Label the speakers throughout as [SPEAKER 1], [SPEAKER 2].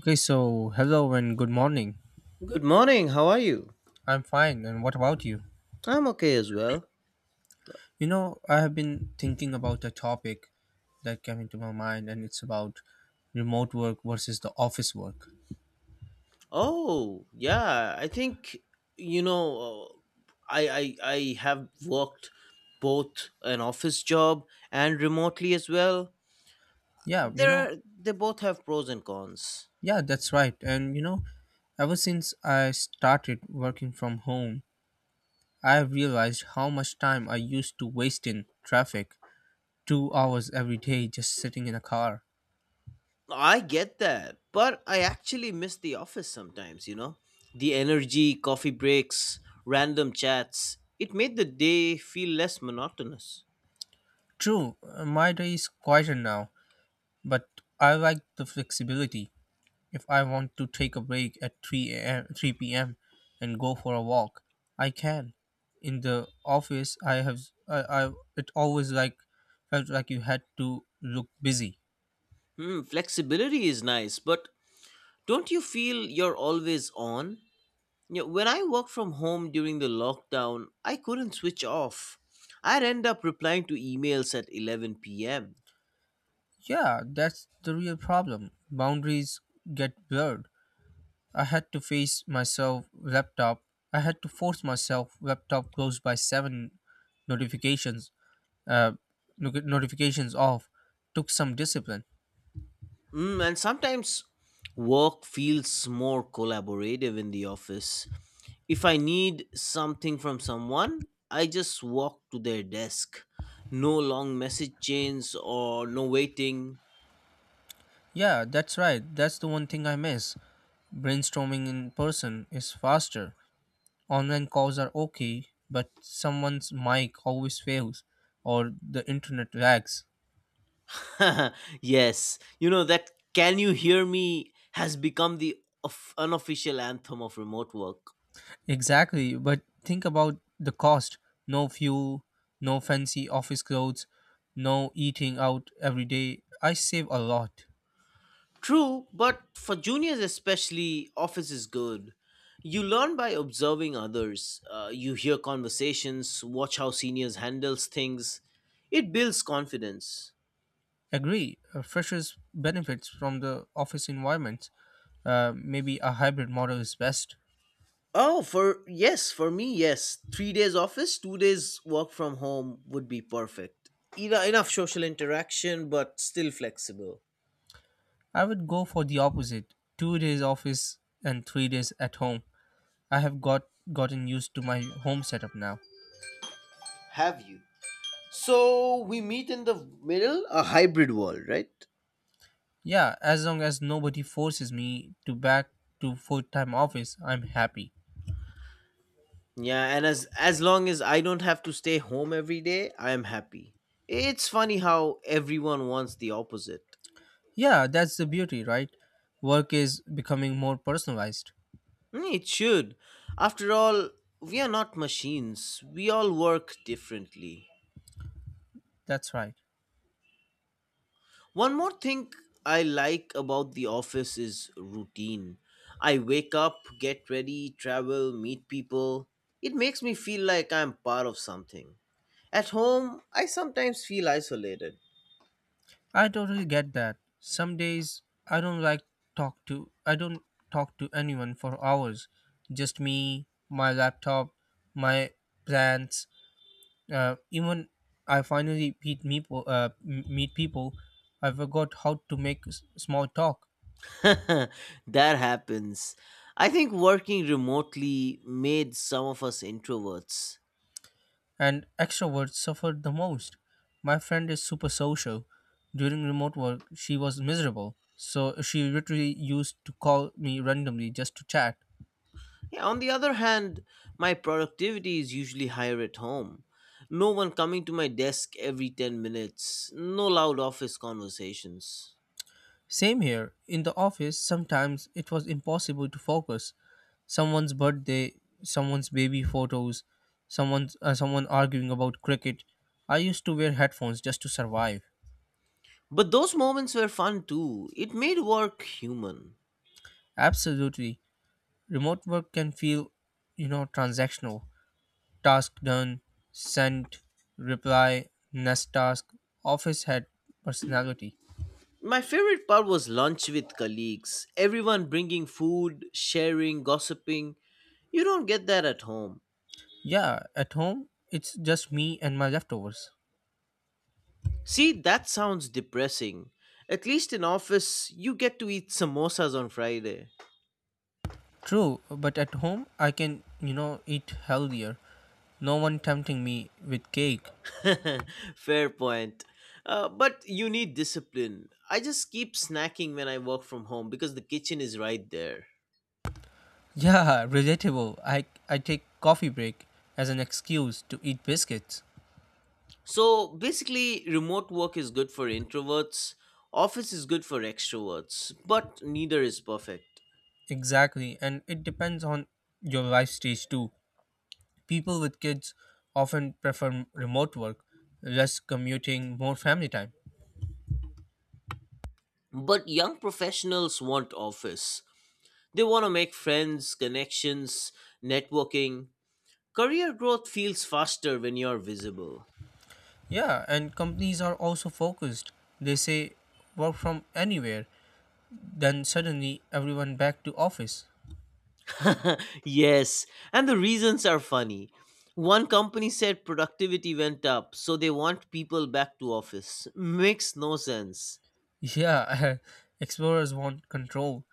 [SPEAKER 1] Okay, so hello and good morning.
[SPEAKER 2] Good morning. How are you?
[SPEAKER 1] I'm fine, and what about you?
[SPEAKER 2] I'm okay as well.
[SPEAKER 1] You know, I have been thinking about a topic that came into my mind, and it's about remote work versus the office work.
[SPEAKER 2] Oh, yeah. I think you know, uh, I have worked both an office job and remotely as well.
[SPEAKER 1] Yeah, you know,
[SPEAKER 2] They both have pros and cons.
[SPEAKER 1] yeah, that's right. And you know, ever since I started working from home, I have realized how much time I used to waste in traffic 2 hours every day just sitting in a car.
[SPEAKER 2] I get that, but I actually miss the office sometimes. The energy, coffee breaks, random chats. It made the day feel less monotonous.
[SPEAKER 1] True. My day is quieter now, but I like the flexibility. If I want to take a break at 3 a.m. 3 p.m. and go for a walk, I can. In the office, I have I, I it always like felt like you had to look busy.
[SPEAKER 2] Flexibility is nice, but don't you feel you're always on? You know, when I work from home during the lockdown, I couldn't switch off. I'd end up replying to emails at 11 p.m.
[SPEAKER 1] Yeah, that's the real problem. Boundaries get blurred. I had to face myself laptop. I had to force myself laptop closed by 7, notifications, uh, notifications off, took some discipline.
[SPEAKER 2] And sometimes work feels more collaborative in the office. If I need something from someone, I just walk to their desk. No long message chains or no waiting.
[SPEAKER 1] Yeah, that's right. That's the one thing I miss. Brainstorming in person is faster. Online calls are okay, but someone's mic always fails or the internet lags.
[SPEAKER 2] Yes, you know that "Can You Hear Me" has become the unofficial anthem of remote work.
[SPEAKER 1] Exactly, but think about the cost. No fuel, no fancy office clothes, no eating out every day. I save a lot.
[SPEAKER 2] True, but for juniors especially, office is good. You learn by observing others. You hear conversations, watch how seniors handles things. It builds confidence.
[SPEAKER 1] Agree. Freshers benefits from the office environment. Maybe a hybrid model is best.
[SPEAKER 2] Oh, for yes, for me, yes. 3 days office, 2 days work from home would be perfect. Enough social interaction, but still flexible.
[SPEAKER 1] I would go for the opposite. 2 days office and 3 days at home. I have gotten used to my home setup now.
[SPEAKER 2] Have you? So we meet in the middle, a hybrid world, right?
[SPEAKER 1] Yeah, as long as nobody forces me to back to full time office, I'm happy.
[SPEAKER 2] Yeah, and as long as I don't have to stay home every day, I am happy. It's funny how everyone wants the opposite.
[SPEAKER 1] Yeah, that's the beauty, right? Work is becoming more personalized.
[SPEAKER 2] Hmm, it should. After all, we are not machines. We all work differently.
[SPEAKER 1] That's right.
[SPEAKER 2] One more thing I like about the office is routine. I wake up, get ready, travel, meet people. It makes me feel like I'm part of something. At home, I sometimes feel isolated.
[SPEAKER 1] I totally get that. Some days I don't like I don't talk to anyone for hours. Just me, my laptop, my plants. Even I finally meet people, I forgot how to make small talk.
[SPEAKER 2] That happens. I think working remotely made some of us introverts.
[SPEAKER 1] And extroverts suffered the most. My friend is super social. During remote work, she was miserable, so she literally used to call me randomly just to chat.
[SPEAKER 2] Yeah, on the other hand, my productivity is usually higher at home. No one coming to my desk every 10 minutes, no loud office conversations.
[SPEAKER 1] Same here. In the office, sometimes it was impossible to focus. Someone's birthday, someone's baby photos, someone arguing about cricket. I used to wear headphones just to survive.
[SPEAKER 2] But those moments were fun too. It made work human.
[SPEAKER 1] Absolutely. Remote work can feel transactional. Task done, sent, reply, next task. Office had personality.
[SPEAKER 2] My favorite part was lunch with colleagues, everyone bringing food, sharing, gossiping. You don't get that at home.
[SPEAKER 1] Yeah, at home, it's just me and my leftovers.
[SPEAKER 2] See, that sounds depressing. At least in office, you get to eat samosas on Friday.
[SPEAKER 1] True, but at home, I can eat healthier. No one tempting me with cake.
[SPEAKER 2] Fair point. But you need discipline. I just keep snacking when I work from home because the kitchen is right there.
[SPEAKER 1] Yeah, relatable. I take coffee break as an excuse to eat biscuits.
[SPEAKER 2] So basically, remote work is good for introverts, office is good for extroverts, but neither is perfect.
[SPEAKER 1] Exactly, and it depends on your life stage too. People with kids often prefer remote work, less commuting, more family time.
[SPEAKER 2] But young professionals want office. They want to make friends, connections, networking. Career growth feels faster when you're visible.
[SPEAKER 1] Yeah, and companies are also focused. They say work from anywhere, then suddenly everyone back to office.
[SPEAKER 2] Yes, and the reasons are funny. One company said productivity went up, so they want people back to office. Makes no sense.
[SPEAKER 1] Yeah, explorers want control.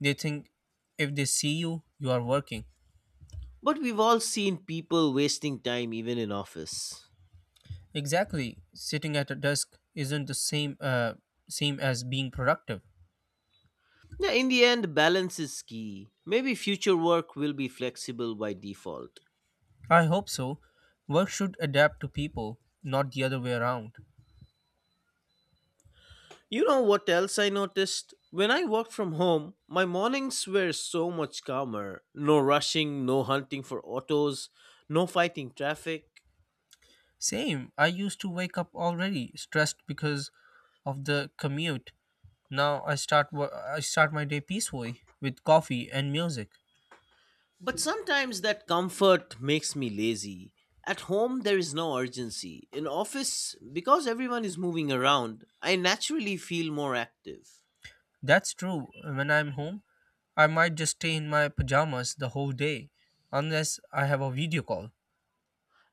[SPEAKER 1] They think if they see you, you are working.
[SPEAKER 2] But we've all seen people wasting time even in office.
[SPEAKER 1] Exactly, sitting at a desk isn't the same as being productive.
[SPEAKER 2] Now, in the end, balance is key. Maybe future work will be flexible by default.
[SPEAKER 1] I hope so. Work should adapt to people, not the other way around.
[SPEAKER 2] You know what else I noticed? When I worked from home, my mornings were so much calmer. No rushing, no hunting for autos, no fighting traffic.
[SPEAKER 1] Same, I used to wake up already stressed because of the commute. Now I start my day peacefully with coffee and music.
[SPEAKER 2] But sometimes that comfort makes me lazy. At home, there is no urgency. In office, because everyone is moving around, I naturally feel more active.
[SPEAKER 1] That's true. When I'm home, I might just stay in my pajamas the whole day unless I have a video call.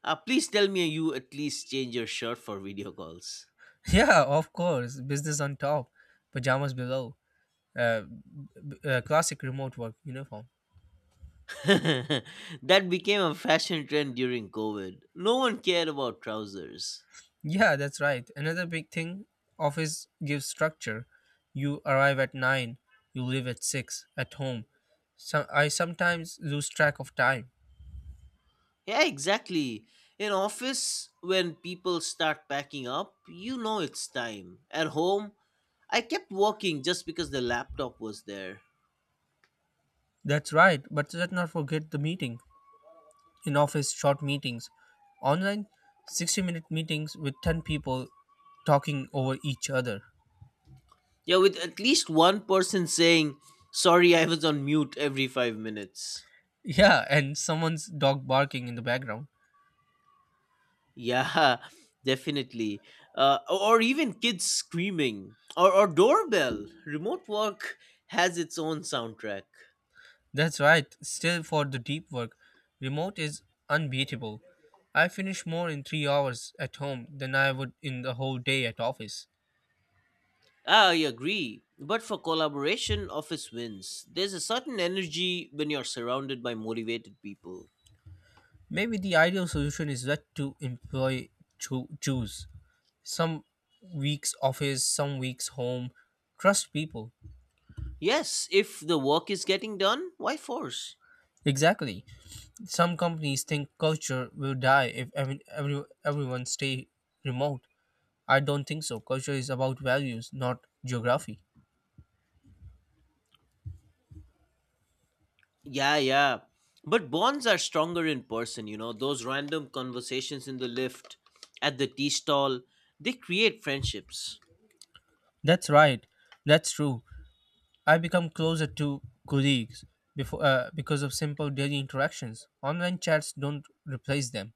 [SPEAKER 2] Please tell me you at least change your shirt for video calls.
[SPEAKER 1] Yeah, of course. Business on top, pajamas below. Classic remote work uniform.
[SPEAKER 2] That became a fashion trend during COVID. No one cared about trousers.
[SPEAKER 1] Yeah, that's right. Another big thing office gives structure. You arrive at 9, you leave at 6 at home. So I sometimes lose track of time.
[SPEAKER 2] Yeah, exactly. In office, when people start packing up, you know it's time. At home, I kept walking just because the laptop was there.
[SPEAKER 1] That's right, but let's not forget the meeting. In office short meetings, online 60-minute meetings with 10 people talking over each other.
[SPEAKER 2] Yeah, with at least one person saying, "Sorry, I was on mute" every 5 minutes.
[SPEAKER 1] Yeah, and someone's dog barking in the background.
[SPEAKER 2] Yeah, definitely. Or even kids screaming or doorbell. Remote work has its own soundtrack.
[SPEAKER 1] That's right. Still, for the deep work, remote is unbeatable. I finish more in 3 hours at home than I would in the whole day at office.
[SPEAKER 2] Ah, I agree. But for collaboration, office wins. There's a certain energy when you're surrounded by motivated people.
[SPEAKER 1] Maybe the ideal solution is what to employ choose. Some weeks office, some weeks home. Trust people.
[SPEAKER 2] Yes, if the work is getting done, why force?
[SPEAKER 1] Exactly. Some companies think culture will die if everyone stay remote. I don't think so. Culture is about values, not geography.
[SPEAKER 2] Yeah, yeah. But bonds are stronger in person, you know. Those random conversations in the lift, at the tea stall, they create friendships.
[SPEAKER 1] That's right. That's true. I become closer to colleagues before, because of simple daily interactions. Online chats don't replace them.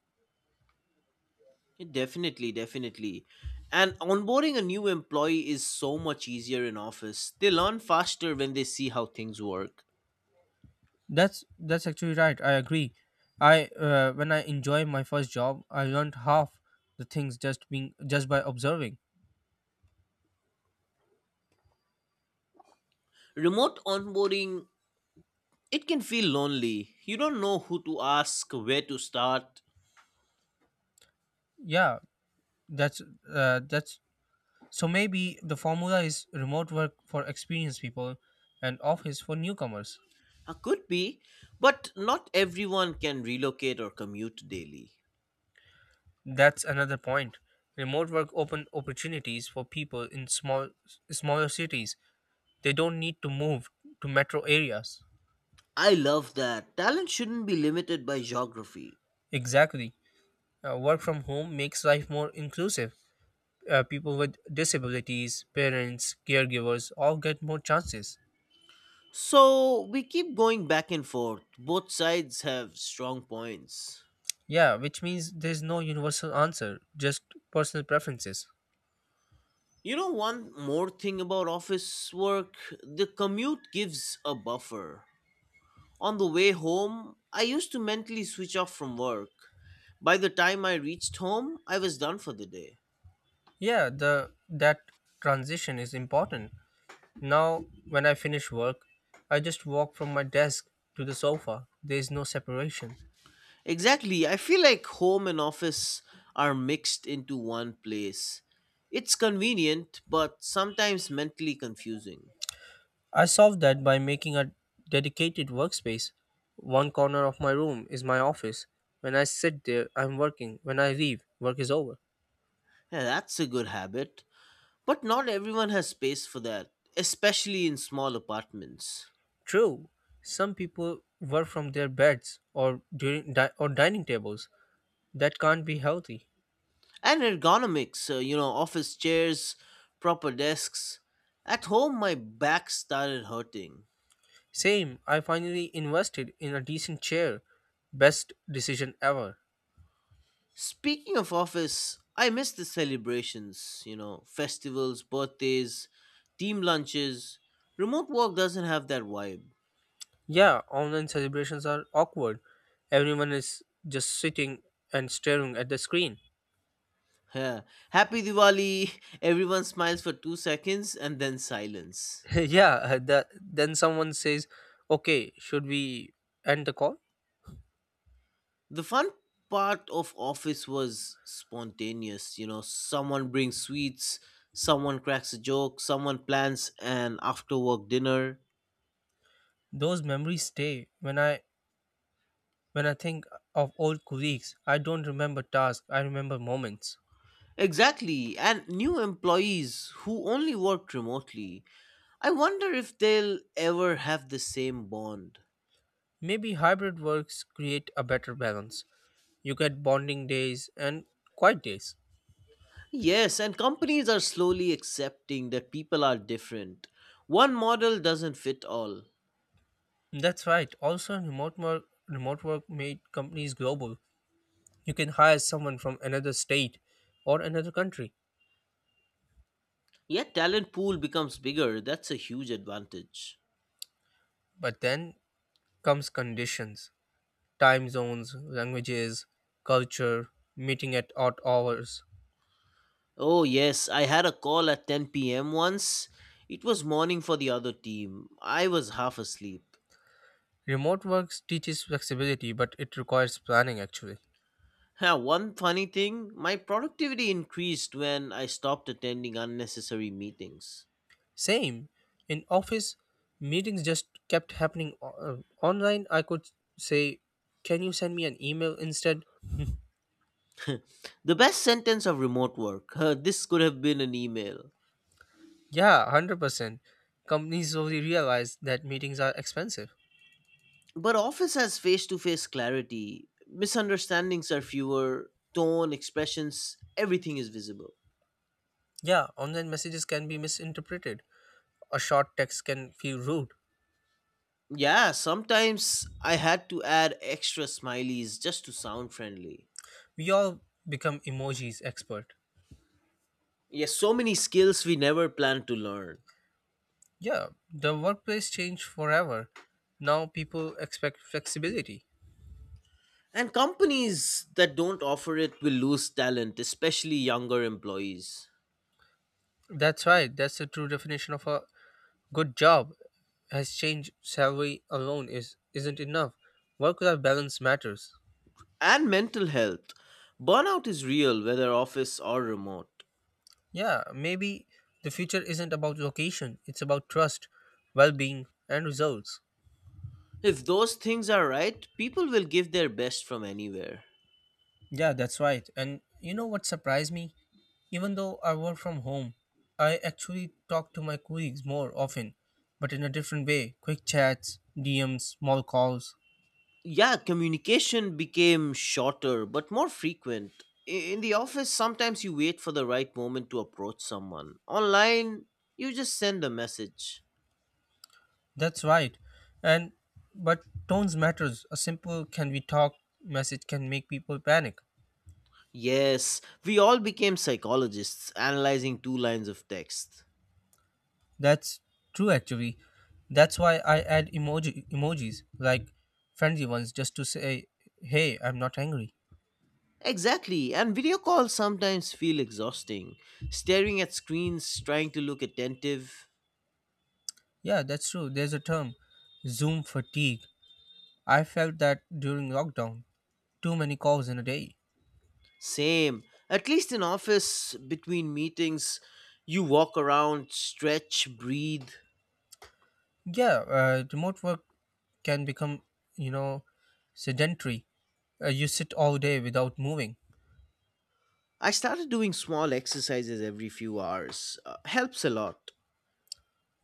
[SPEAKER 2] Definitely, definitely. And onboarding a new employee is so much easier in office. They learn faster when they see how things work.
[SPEAKER 1] That's actually right. I agree. I when I enjoy my first job, I learned half the things just by observing.
[SPEAKER 2] Remote onboarding, it can feel lonely. You don't know who to ask, where to start.
[SPEAKER 1] Yeah, that's that's so maybe the formula is remote work for experienced people and office for newcomers.
[SPEAKER 2] Could be, but not everyone can relocate or commute daily.
[SPEAKER 1] That's another point. Remote work open opportunities for people in smaller cities. They don't need to move to metro areas.
[SPEAKER 2] I love that. Talent shouldn't be limited by geography.
[SPEAKER 1] Exactly. Work from home makes life more inclusive. People with disabilities, parents, caregivers all get more chances.
[SPEAKER 2] So we keep going back and forth. Both sides have strong points.
[SPEAKER 1] Yeah, which means there's no universal answer, just personal preferences.
[SPEAKER 2] You know, one more thing about office work, the commute gives a buffer. On the way home, I used to mentally switch off from work. By the time I reached home, I was done for the day.
[SPEAKER 1] Yeah, the that transition is important. Now, when I finish work, I just walk from my desk to the sofa. There's no separation.
[SPEAKER 2] Exactly, I feel like home and office are mixed into one place. It's convenient, but sometimes mentally confusing.
[SPEAKER 1] I solved that by making a dedicated workspace. One corner of my room is my office. When I sit there, I'm working. When I leave, work is over.
[SPEAKER 2] Yeah, that's a good habit, but not everyone has space for that, especially in small apartments.
[SPEAKER 1] True, some people work from their beds or dining tables. That can't be healthy.
[SPEAKER 2] And ergonomics, you know, office chairs, proper desks. At home, my back started hurting.
[SPEAKER 1] Same, I finally invested in a decent chair. Best decision ever.
[SPEAKER 2] Speaking of office, I miss the celebrations, you know, festivals, birthdays, team lunches. Remote work doesn't have that vibe.
[SPEAKER 1] Yeah, online celebrations are awkward. Everyone is just sitting and staring at the screen.
[SPEAKER 2] Yeah. Happy Diwali! Everyone smiles for 2 seconds and then silence.
[SPEAKER 1] Yeah, then someone says, "Okay, should we end the call?"
[SPEAKER 2] The fun part of office was spontaneous. You know, someone brings sweets, someone cracks a joke, someone plans an after work dinner.
[SPEAKER 1] Those memories stay. When I think of old colleagues, I don't remember tasks, I remember moments.
[SPEAKER 2] Exactly, and new employees who only worked remotely. I wonder if they'll ever have the same bond.
[SPEAKER 1] Maybe hybrid works create a better balance. You get bonding days and quiet days.
[SPEAKER 2] Yes, and companies are slowly accepting that people are different. One model doesn't fit all.
[SPEAKER 1] That's right. Also, remote work made companies global. You can hire someone from another state or another country,
[SPEAKER 2] Yet talent pool becomes bigger. That's a huge advantage.
[SPEAKER 1] but then comes conditions: time zones, languages, culture, meeting at odd hours.
[SPEAKER 2] Oh, yes, I had a call at 10 p.m. once. It was morning for the other team. I was half asleep.
[SPEAKER 1] Remote work teaches flexibility, but it requires planning actually.
[SPEAKER 2] Now, one funny thing, my productivity increased when I stopped attending unnecessary meetings.
[SPEAKER 1] Same in office, meetings just kept happening online. I could say, "Can you send me an email instead?"
[SPEAKER 2] The best sentence of remote work, this could have been an email.
[SPEAKER 1] Yeah, 100%. Companies slowly realize that meetings are expensive.
[SPEAKER 2] But office has face to face clarity, misunderstandings are fewer, tone, expressions, everything is visible.
[SPEAKER 1] Yeah, online messages can be misinterpreted. A short text can feel rude.
[SPEAKER 2] Yeah, sometimes I had to add extra smileys just to sound friendly.
[SPEAKER 1] We all become emojis expert.
[SPEAKER 2] Yes, so many skills we never plan to learn.
[SPEAKER 1] Yeah, the workplace changed forever. Now people expect flexibility.
[SPEAKER 2] And companies that don't offer it will lose talent, especially younger employees.
[SPEAKER 1] That's right. That's the true definition of a good job. Has changed. Salary alone is isn't enough. Work-life balance matters.
[SPEAKER 2] And mental health. Burnout is real, whether office or remote.
[SPEAKER 1] Yeah, maybe the future isn't about location. It's about trust, well-being, and results.
[SPEAKER 2] If those things are right, people will give their best from anywhere.
[SPEAKER 1] Yeah, that's right. And you know what surprised me? Even though I work from home, I actually talk to my colleagues more often, but in a different way. Quick chats, DMs, small calls.
[SPEAKER 2] Yeah, communication became shorter but more frequent. In the office, sometimes you wait for the right moment to approach someone. Online, you just send a message.
[SPEAKER 1] That's right. And but tones matters. A simple "can we talk" message can make people panic.
[SPEAKER 2] Yes, we all became psychologists analyzing two lines of text.
[SPEAKER 1] That's true actually. That's why I add emojis, like friendly ones, just to say, "Hey, I'm not angry."
[SPEAKER 2] Exactly, and video calls sometimes feel exhausting. Staring at screens, trying to look attentive.
[SPEAKER 1] Yeah, that's true. There's a term, Zoom fatigue. I felt that during lockdown, too many calls in a day.
[SPEAKER 2] Same. At least in office, between meetings, you walk around, stretch, breathe.
[SPEAKER 1] Yeah, remote work can become, you know, sedentary. You sit all day without moving.
[SPEAKER 2] I started doing small exercises every few hours. Helps a lot.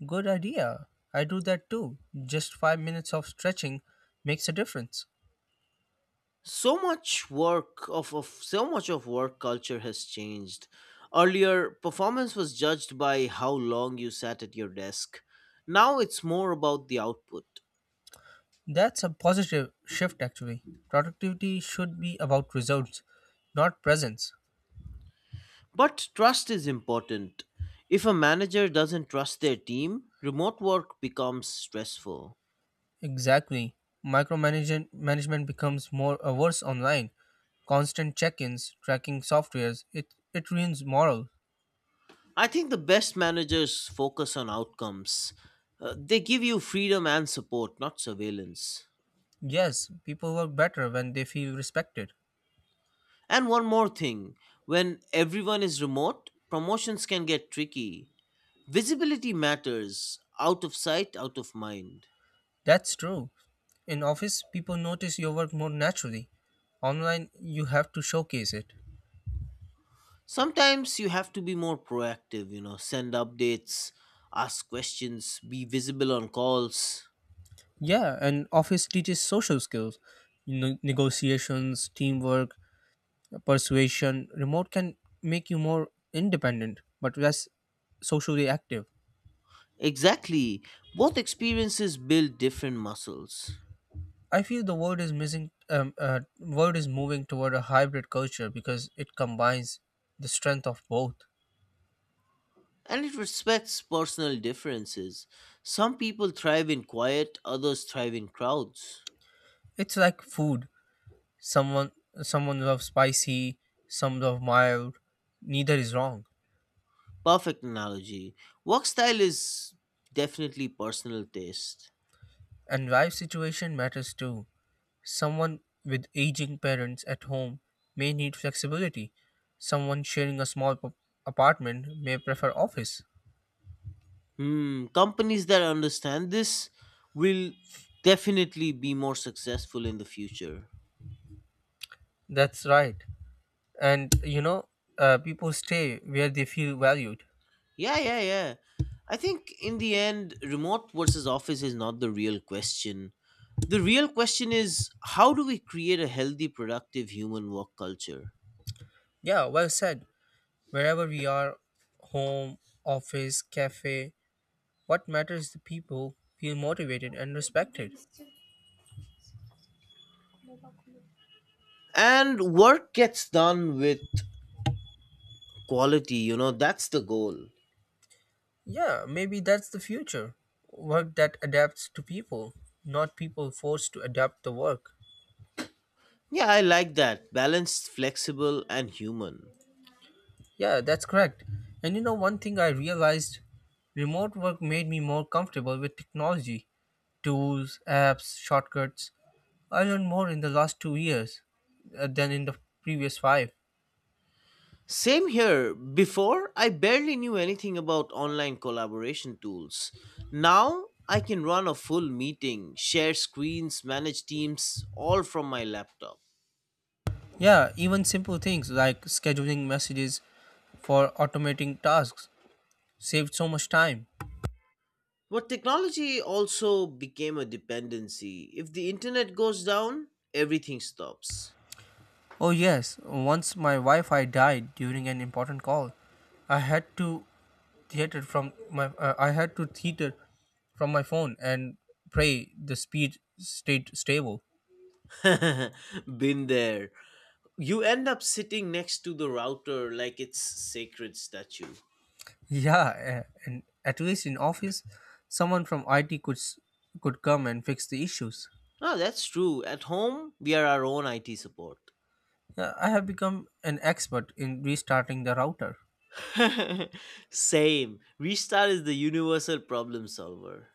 [SPEAKER 1] Good idea. I do that too. Just 5 minutes of stretching makes a difference.
[SPEAKER 2] So much of work culture has changed. Earlier performance was judged by how long you sat at your desk, now it's more about the output.
[SPEAKER 1] That's a positive shift, actually. Productivity should be about results, not presence.
[SPEAKER 2] But trust is important. If a manager doesn't trust their team, remote work becomes stressful.
[SPEAKER 1] Exactly. Micromanagement management becomes more averse online. Constant check-ins, tracking softwares, it ruins morale.
[SPEAKER 2] I think the best managers focus on outcomes. They give you freedom and support, not surveillance.
[SPEAKER 1] Yes, people work better when they feel respected.
[SPEAKER 2] And one more thing, when everyone is remote, promotions can get tricky. Visibility matters, out of sight, out of mind.
[SPEAKER 1] That's true. In office, people notice your work more naturally. Online, you have to showcase it.
[SPEAKER 2] Sometimes you have to be more proactive, you know, send updates, ask questions, be visible on calls.
[SPEAKER 1] Yeah, and office teaches social skills, negotiations, teamwork, persuasion. Remote can make you more independent, but less socially active.
[SPEAKER 2] Exactly. Both experiences build different muscles.
[SPEAKER 1] I feel the world is missing. World is moving toward a hybrid culture because it combines the strength of both.
[SPEAKER 2] And it respects personal differences. Some people thrive in quiet, others thrive in crowds.
[SPEAKER 1] It's like food. Someone Someone loves spicy, some love mild. Neither is wrong.
[SPEAKER 2] Perfect analogy. Work style is definitely personal taste.
[SPEAKER 1] And life situation matters too. Someone with aging parents at home may need flexibility. Someone sharing a small apartment may prefer office.
[SPEAKER 2] Hmm, companies that understand this will definitely be more successful in the future.
[SPEAKER 1] That's right. And you know, people stay where they feel valued.
[SPEAKER 2] Yeah, yeah, yeah. I think in the end, remote versus office is not the real question. The real question is, how do we create a healthy, productive human work culture?
[SPEAKER 1] Yeah, well said. Wherever we are home, office, cafe what matters is the people feel motivated and respected.
[SPEAKER 2] And work gets done with quality, you know, that's the goal.
[SPEAKER 1] Yeah, maybe that's the future. Work that adapts to people, not people forced to adapt the work.
[SPEAKER 2] Yeah, I like that. Balanced, flexible, and human.
[SPEAKER 1] Yeah, that's correct. And you know, one thing I realized: remote work made me more comfortable with technology tools, apps, shortcuts. I learned more in the last 2 years than in the previous five.
[SPEAKER 2] Same here. Before, I barely knew anything about online collaboration tools. Now, I can run a full meeting, share screens, manage teams, all from my laptop.
[SPEAKER 1] Yeah, even simple things like scheduling messages for automating tasks saved so much time.
[SPEAKER 2] But technology also became a dependency. If the internet goes down, everything stops.
[SPEAKER 1] Oh, yes, once my Wi Fi died during an important call. I had to I had to theater from my phone and pray the speed stayed stable.
[SPEAKER 2] Been there. You end up sitting next to the router like it's sacred statue.
[SPEAKER 1] Yeah, and at least in office, someone from IT could come and fix the issues.
[SPEAKER 2] Oh, that's true. At home, we are our own IT support.
[SPEAKER 1] Yeah, I have become an expert in restarting the router.
[SPEAKER 2] Same. Restart is the universal problem solver.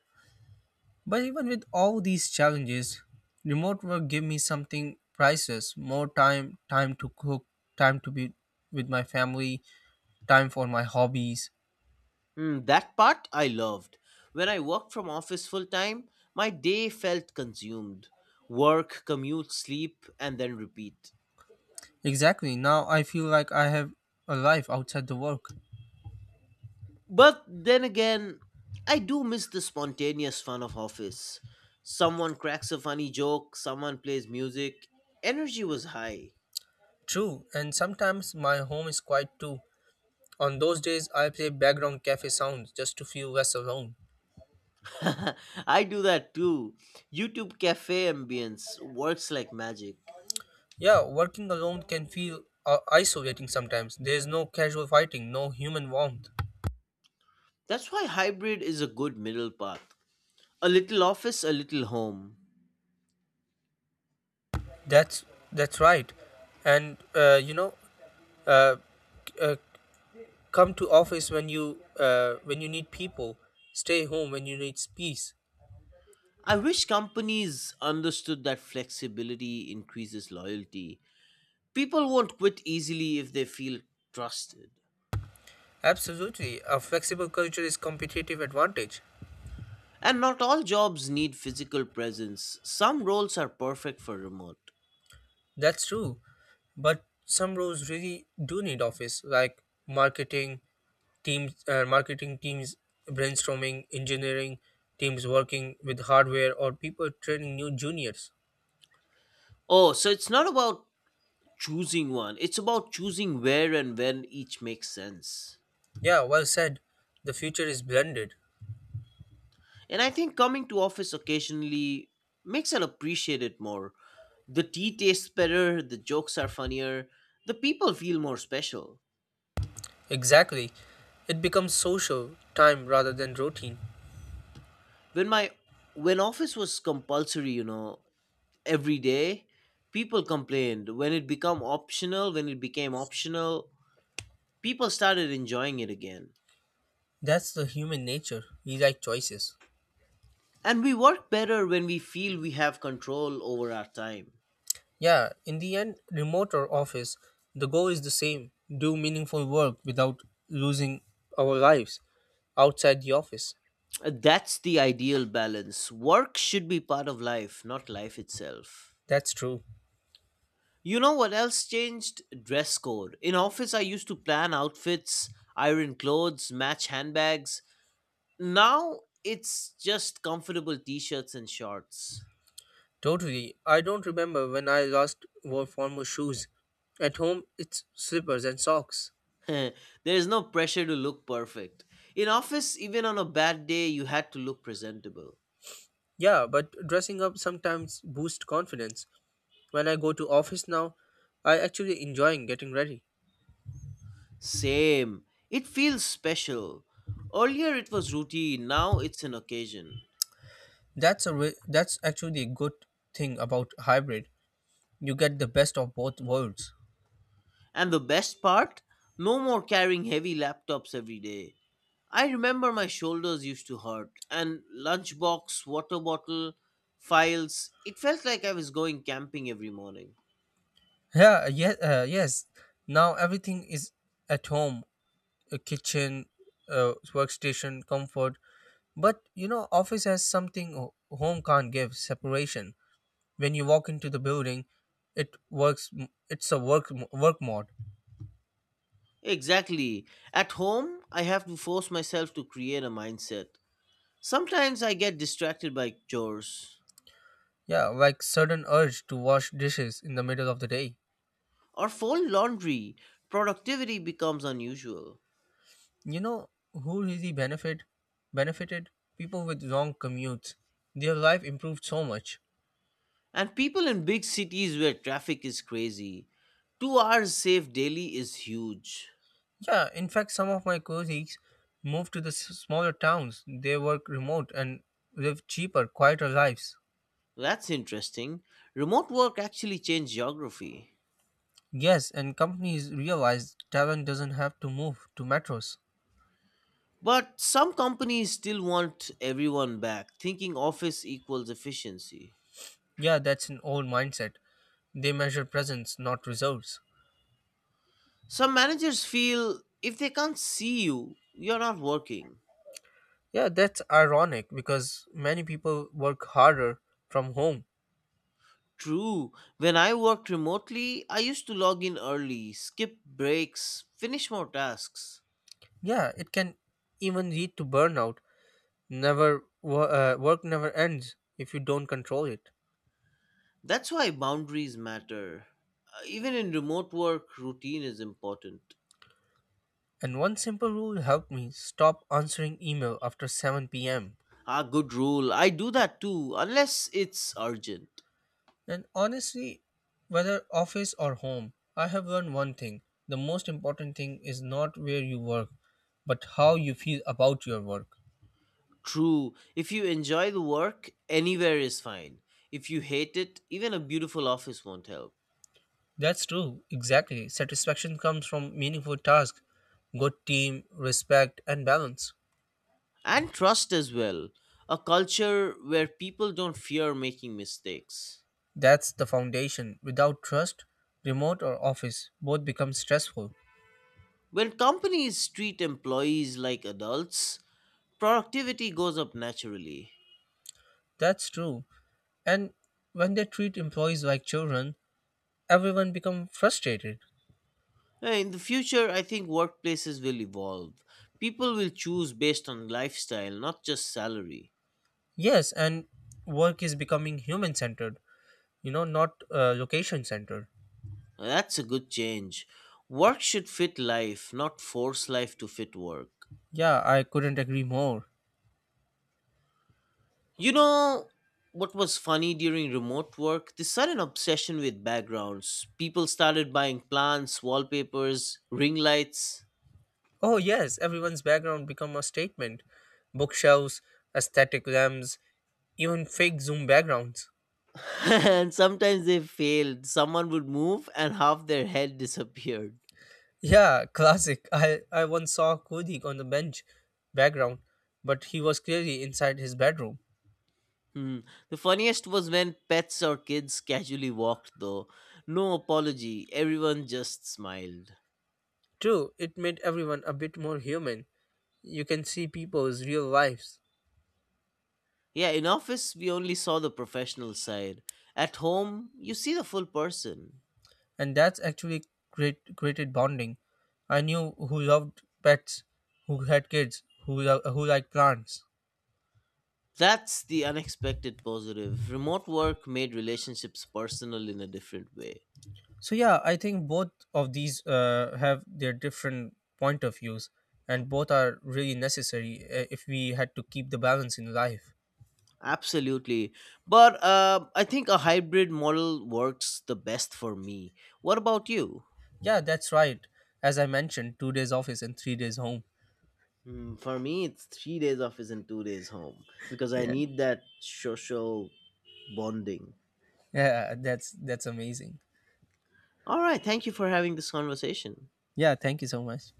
[SPEAKER 1] But even with all these challenges, remote work gave me something priceless more time, time to cook, time to be with my family, time for my hobbies.
[SPEAKER 2] Hmm, that part I loved. When I worked from office full time, my day felt consumed. Work, commute, sleep, and then repeat.
[SPEAKER 1] Exactly, now I feel like I have a life outside the work.
[SPEAKER 2] But then again, I do miss the spontaneous fun of office. Someone cracks a funny joke, someone plays music. Energy was high.
[SPEAKER 1] True, and sometimes my home is quiet too. On those days, I play background cafe sounds just to feel less alone.
[SPEAKER 2] I do that too. YouTube cafe ambience works like magic.
[SPEAKER 1] Yeah, working alone can feel isolating sometimes. There's no casual fighting, no human warmth.
[SPEAKER 2] That's why hybrid is a good middle path. A little office, a little home.
[SPEAKER 1] That's that's right, and uh, uh, come to office when you need people. Stay home when you need peace.
[SPEAKER 2] I wish companies understood that flexibility increases loyalty. People won't quit easily if they feel trusted.
[SPEAKER 1] Absolutely, a flexible culture is competitive advantage.
[SPEAKER 2] And not all jobs need physical presence. Some roles are perfect for remote.
[SPEAKER 1] That's true, but some roles really do need office, like marketing teams brainstorming, engineering teams working with hardware, or people training new juniors.
[SPEAKER 2] Oh, so it's not about choosing one, it's about choosing where and when each makes sense.
[SPEAKER 1] Yeah, well said. The future is blended.
[SPEAKER 2] And I think coming to office occasionally makes us appreciate it more. The tea tastes better, the jokes are funnier, the people feel more special.
[SPEAKER 1] Exactly. It becomes social time rather than routine.
[SPEAKER 2] When my when office was compulsory, you know, every day, people complained. When it became optional, people started enjoying it again.
[SPEAKER 1] That's the human nature. We like choices.
[SPEAKER 2] And we work better when we feel we have control over our time.
[SPEAKER 1] Yeah, in the end, remote or office, the goal is the same do meaningful work without losing our lives outside the office.
[SPEAKER 2] That's the ideal balance. Work should be part of life, not life itself.
[SPEAKER 1] That's true.
[SPEAKER 2] You know what else changed? Dress code. In office, I used to plan outfits, iron clothes, match handbags. Now it's just comfortable t shirts and shorts.
[SPEAKER 1] Totally. I don't remember when I last wore formal shoes. At home, it's slippers and socks.
[SPEAKER 2] There is no pressure to look perfect. In office, even on a bad day, you had to look presentable.
[SPEAKER 1] Yeah, but dressing up sometimes boosts confidence. When I go to office now, I actually enjoy getting ready.
[SPEAKER 2] Same. It feels special. Earlier, it was routine, now it's an occasion.
[SPEAKER 1] That's actually a good thing about hybrid. You get the best of both worlds.
[SPEAKER 2] And the best part? No more carrying heavy laptops every day. I remember my shoulders used to hurt, and lunchbox, water bottle, files. It felt like I was going camping every morning.
[SPEAKER 1] Yeah, yes, yes. Now everything is at home, a kitchen, workstation, comfort. But you know, office has something home can't give: separation. When you walk into the building, it works. It's a work mode.
[SPEAKER 2] Exactly. At home, I have to force myself to create a mindset. Sometimes I get distracted by chores
[SPEAKER 1] Yeah, like sudden urge to wash dishes in the middle of the day.
[SPEAKER 2] or fold laundry. Productivity becomes unusual.
[SPEAKER 1] You know who really benefited? People with long commutes. Their life improved so much.
[SPEAKER 2] And people in big cities where traffic is crazy, 2 hours saved daily is huge.
[SPEAKER 1] Yeah, in fact, some of my colleagues moved to the smaller towns. They work remote and live cheaper, quieter lives.
[SPEAKER 2] That's interesting. Remote work actually changed geography.
[SPEAKER 1] Yes, and companies realize talent doesn't have to move to metros.
[SPEAKER 2] But some companies still want everyone back, thinking office equals efficiency.
[SPEAKER 1] Yeah, that's an old mindset. They measure presence, not results.
[SPEAKER 2] Some managers feel if they can't see you, you're not working.
[SPEAKER 1] Yeah, that's ironic because many people work harder from home.
[SPEAKER 2] True, when I worked remotely, I used to log in early, skip breaks, finish more tasks.
[SPEAKER 1] Yeah, it can even lead to burnout. Never wo- Work never ends if you don't control it.
[SPEAKER 2] That's why boundaries matter. Even in remote work, routine is important.
[SPEAKER 1] And one simple rule helped me stop answering email after 7 p.m.
[SPEAKER 2] Ah, good rule. I do that too, unless it's urgent.
[SPEAKER 1] And honestly, whether office or home, I have learned one thing. The most important thing is not where you work, but how you feel about your work.
[SPEAKER 2] True. If you enjoy the work, anywhere is fine. If you hate it, even a beautiful office won't help.
[SPEAKER 1] That's true, exactly. Satisfaction comes from meaningful tasks, good team, respect, and balance.
[SPEAKER 2] And trust as well. A culture where people don't fear making mistakes.
[SPEAKER 1] That's the foundation. Without trust, remote or office both become stressful.
[SPEAKER 2] When companies treat employees like adults, productivity goes up naturally.
[SPEAKER 1] That's true. And when they treat employees like children, everyone becomes frustrated.
[SPEAKER 2] In the future, I think workplaces will evolve. People will choose based on lifestyle, not just salary.
[SPEAKER 1] Yes, and work is becoming human centered, you know, not location centered.
[SPEAKER 2] That's a good change. Work should fit life, not force life to fit work.
[SPEAKER 1] Yeah, I couldn't agree more.
[SPEAKER 2] You know what was funny during remote work? The sudden obsession with backgrounds. People started buying plants, wallpapers, ring lights.
[SPEAKER 1] Oh yes, everyone's background become a statement. Bookshelves, aesthetic lamps, even fake Zoom backgrounds.
[SPEAKER 2] And sometimes they failed. Someone would move and half their head disappeared.
[SPEAKER 1] Yeah, classic. I once saw a on the bench background, but he was clearly inside his bedroom.
[SPEAKER 2] Hmm. The funniest was when pets or kids casually walked, though. No apology, everyone just smiled.
[SPEAKER 1] True, it made everyone a bit more human. You can see people's real lives,
[SPEAKER 2] Yeah, in office, we only saw the professional side. At home, you see the full person.
[SPEAKER 1] and that's actually great created bonding. I knew who loved pets, who had kids, who liked plants.
[SPEAKER 2] That's the unexpected positive. Remote work made relationships personal in a different way.
[SPEAKER 1] So yeah, I think both of these have their different point of views, and both are really necessary if we had to keep the balance in life.
[SPEAKER 2] Absolutely. But I think a hybrid model works the best for me. What about you?
[SPEAKER 1] Yeah, that's right, as I mentioned, 2 days office and 3 days home.
[SPEAKER 2] Hmm, for me, it's 3 days office and 2 days home because I
[SPEAKER 1] Yeah,
[SPEAKER 2] need that social bonding.
[SPEAKER 1] yeah, that's amazing.
[SPEAKER 2] All right. Thank you for having this conversation.
[SPEAKER 1] Yeah, thank you so much.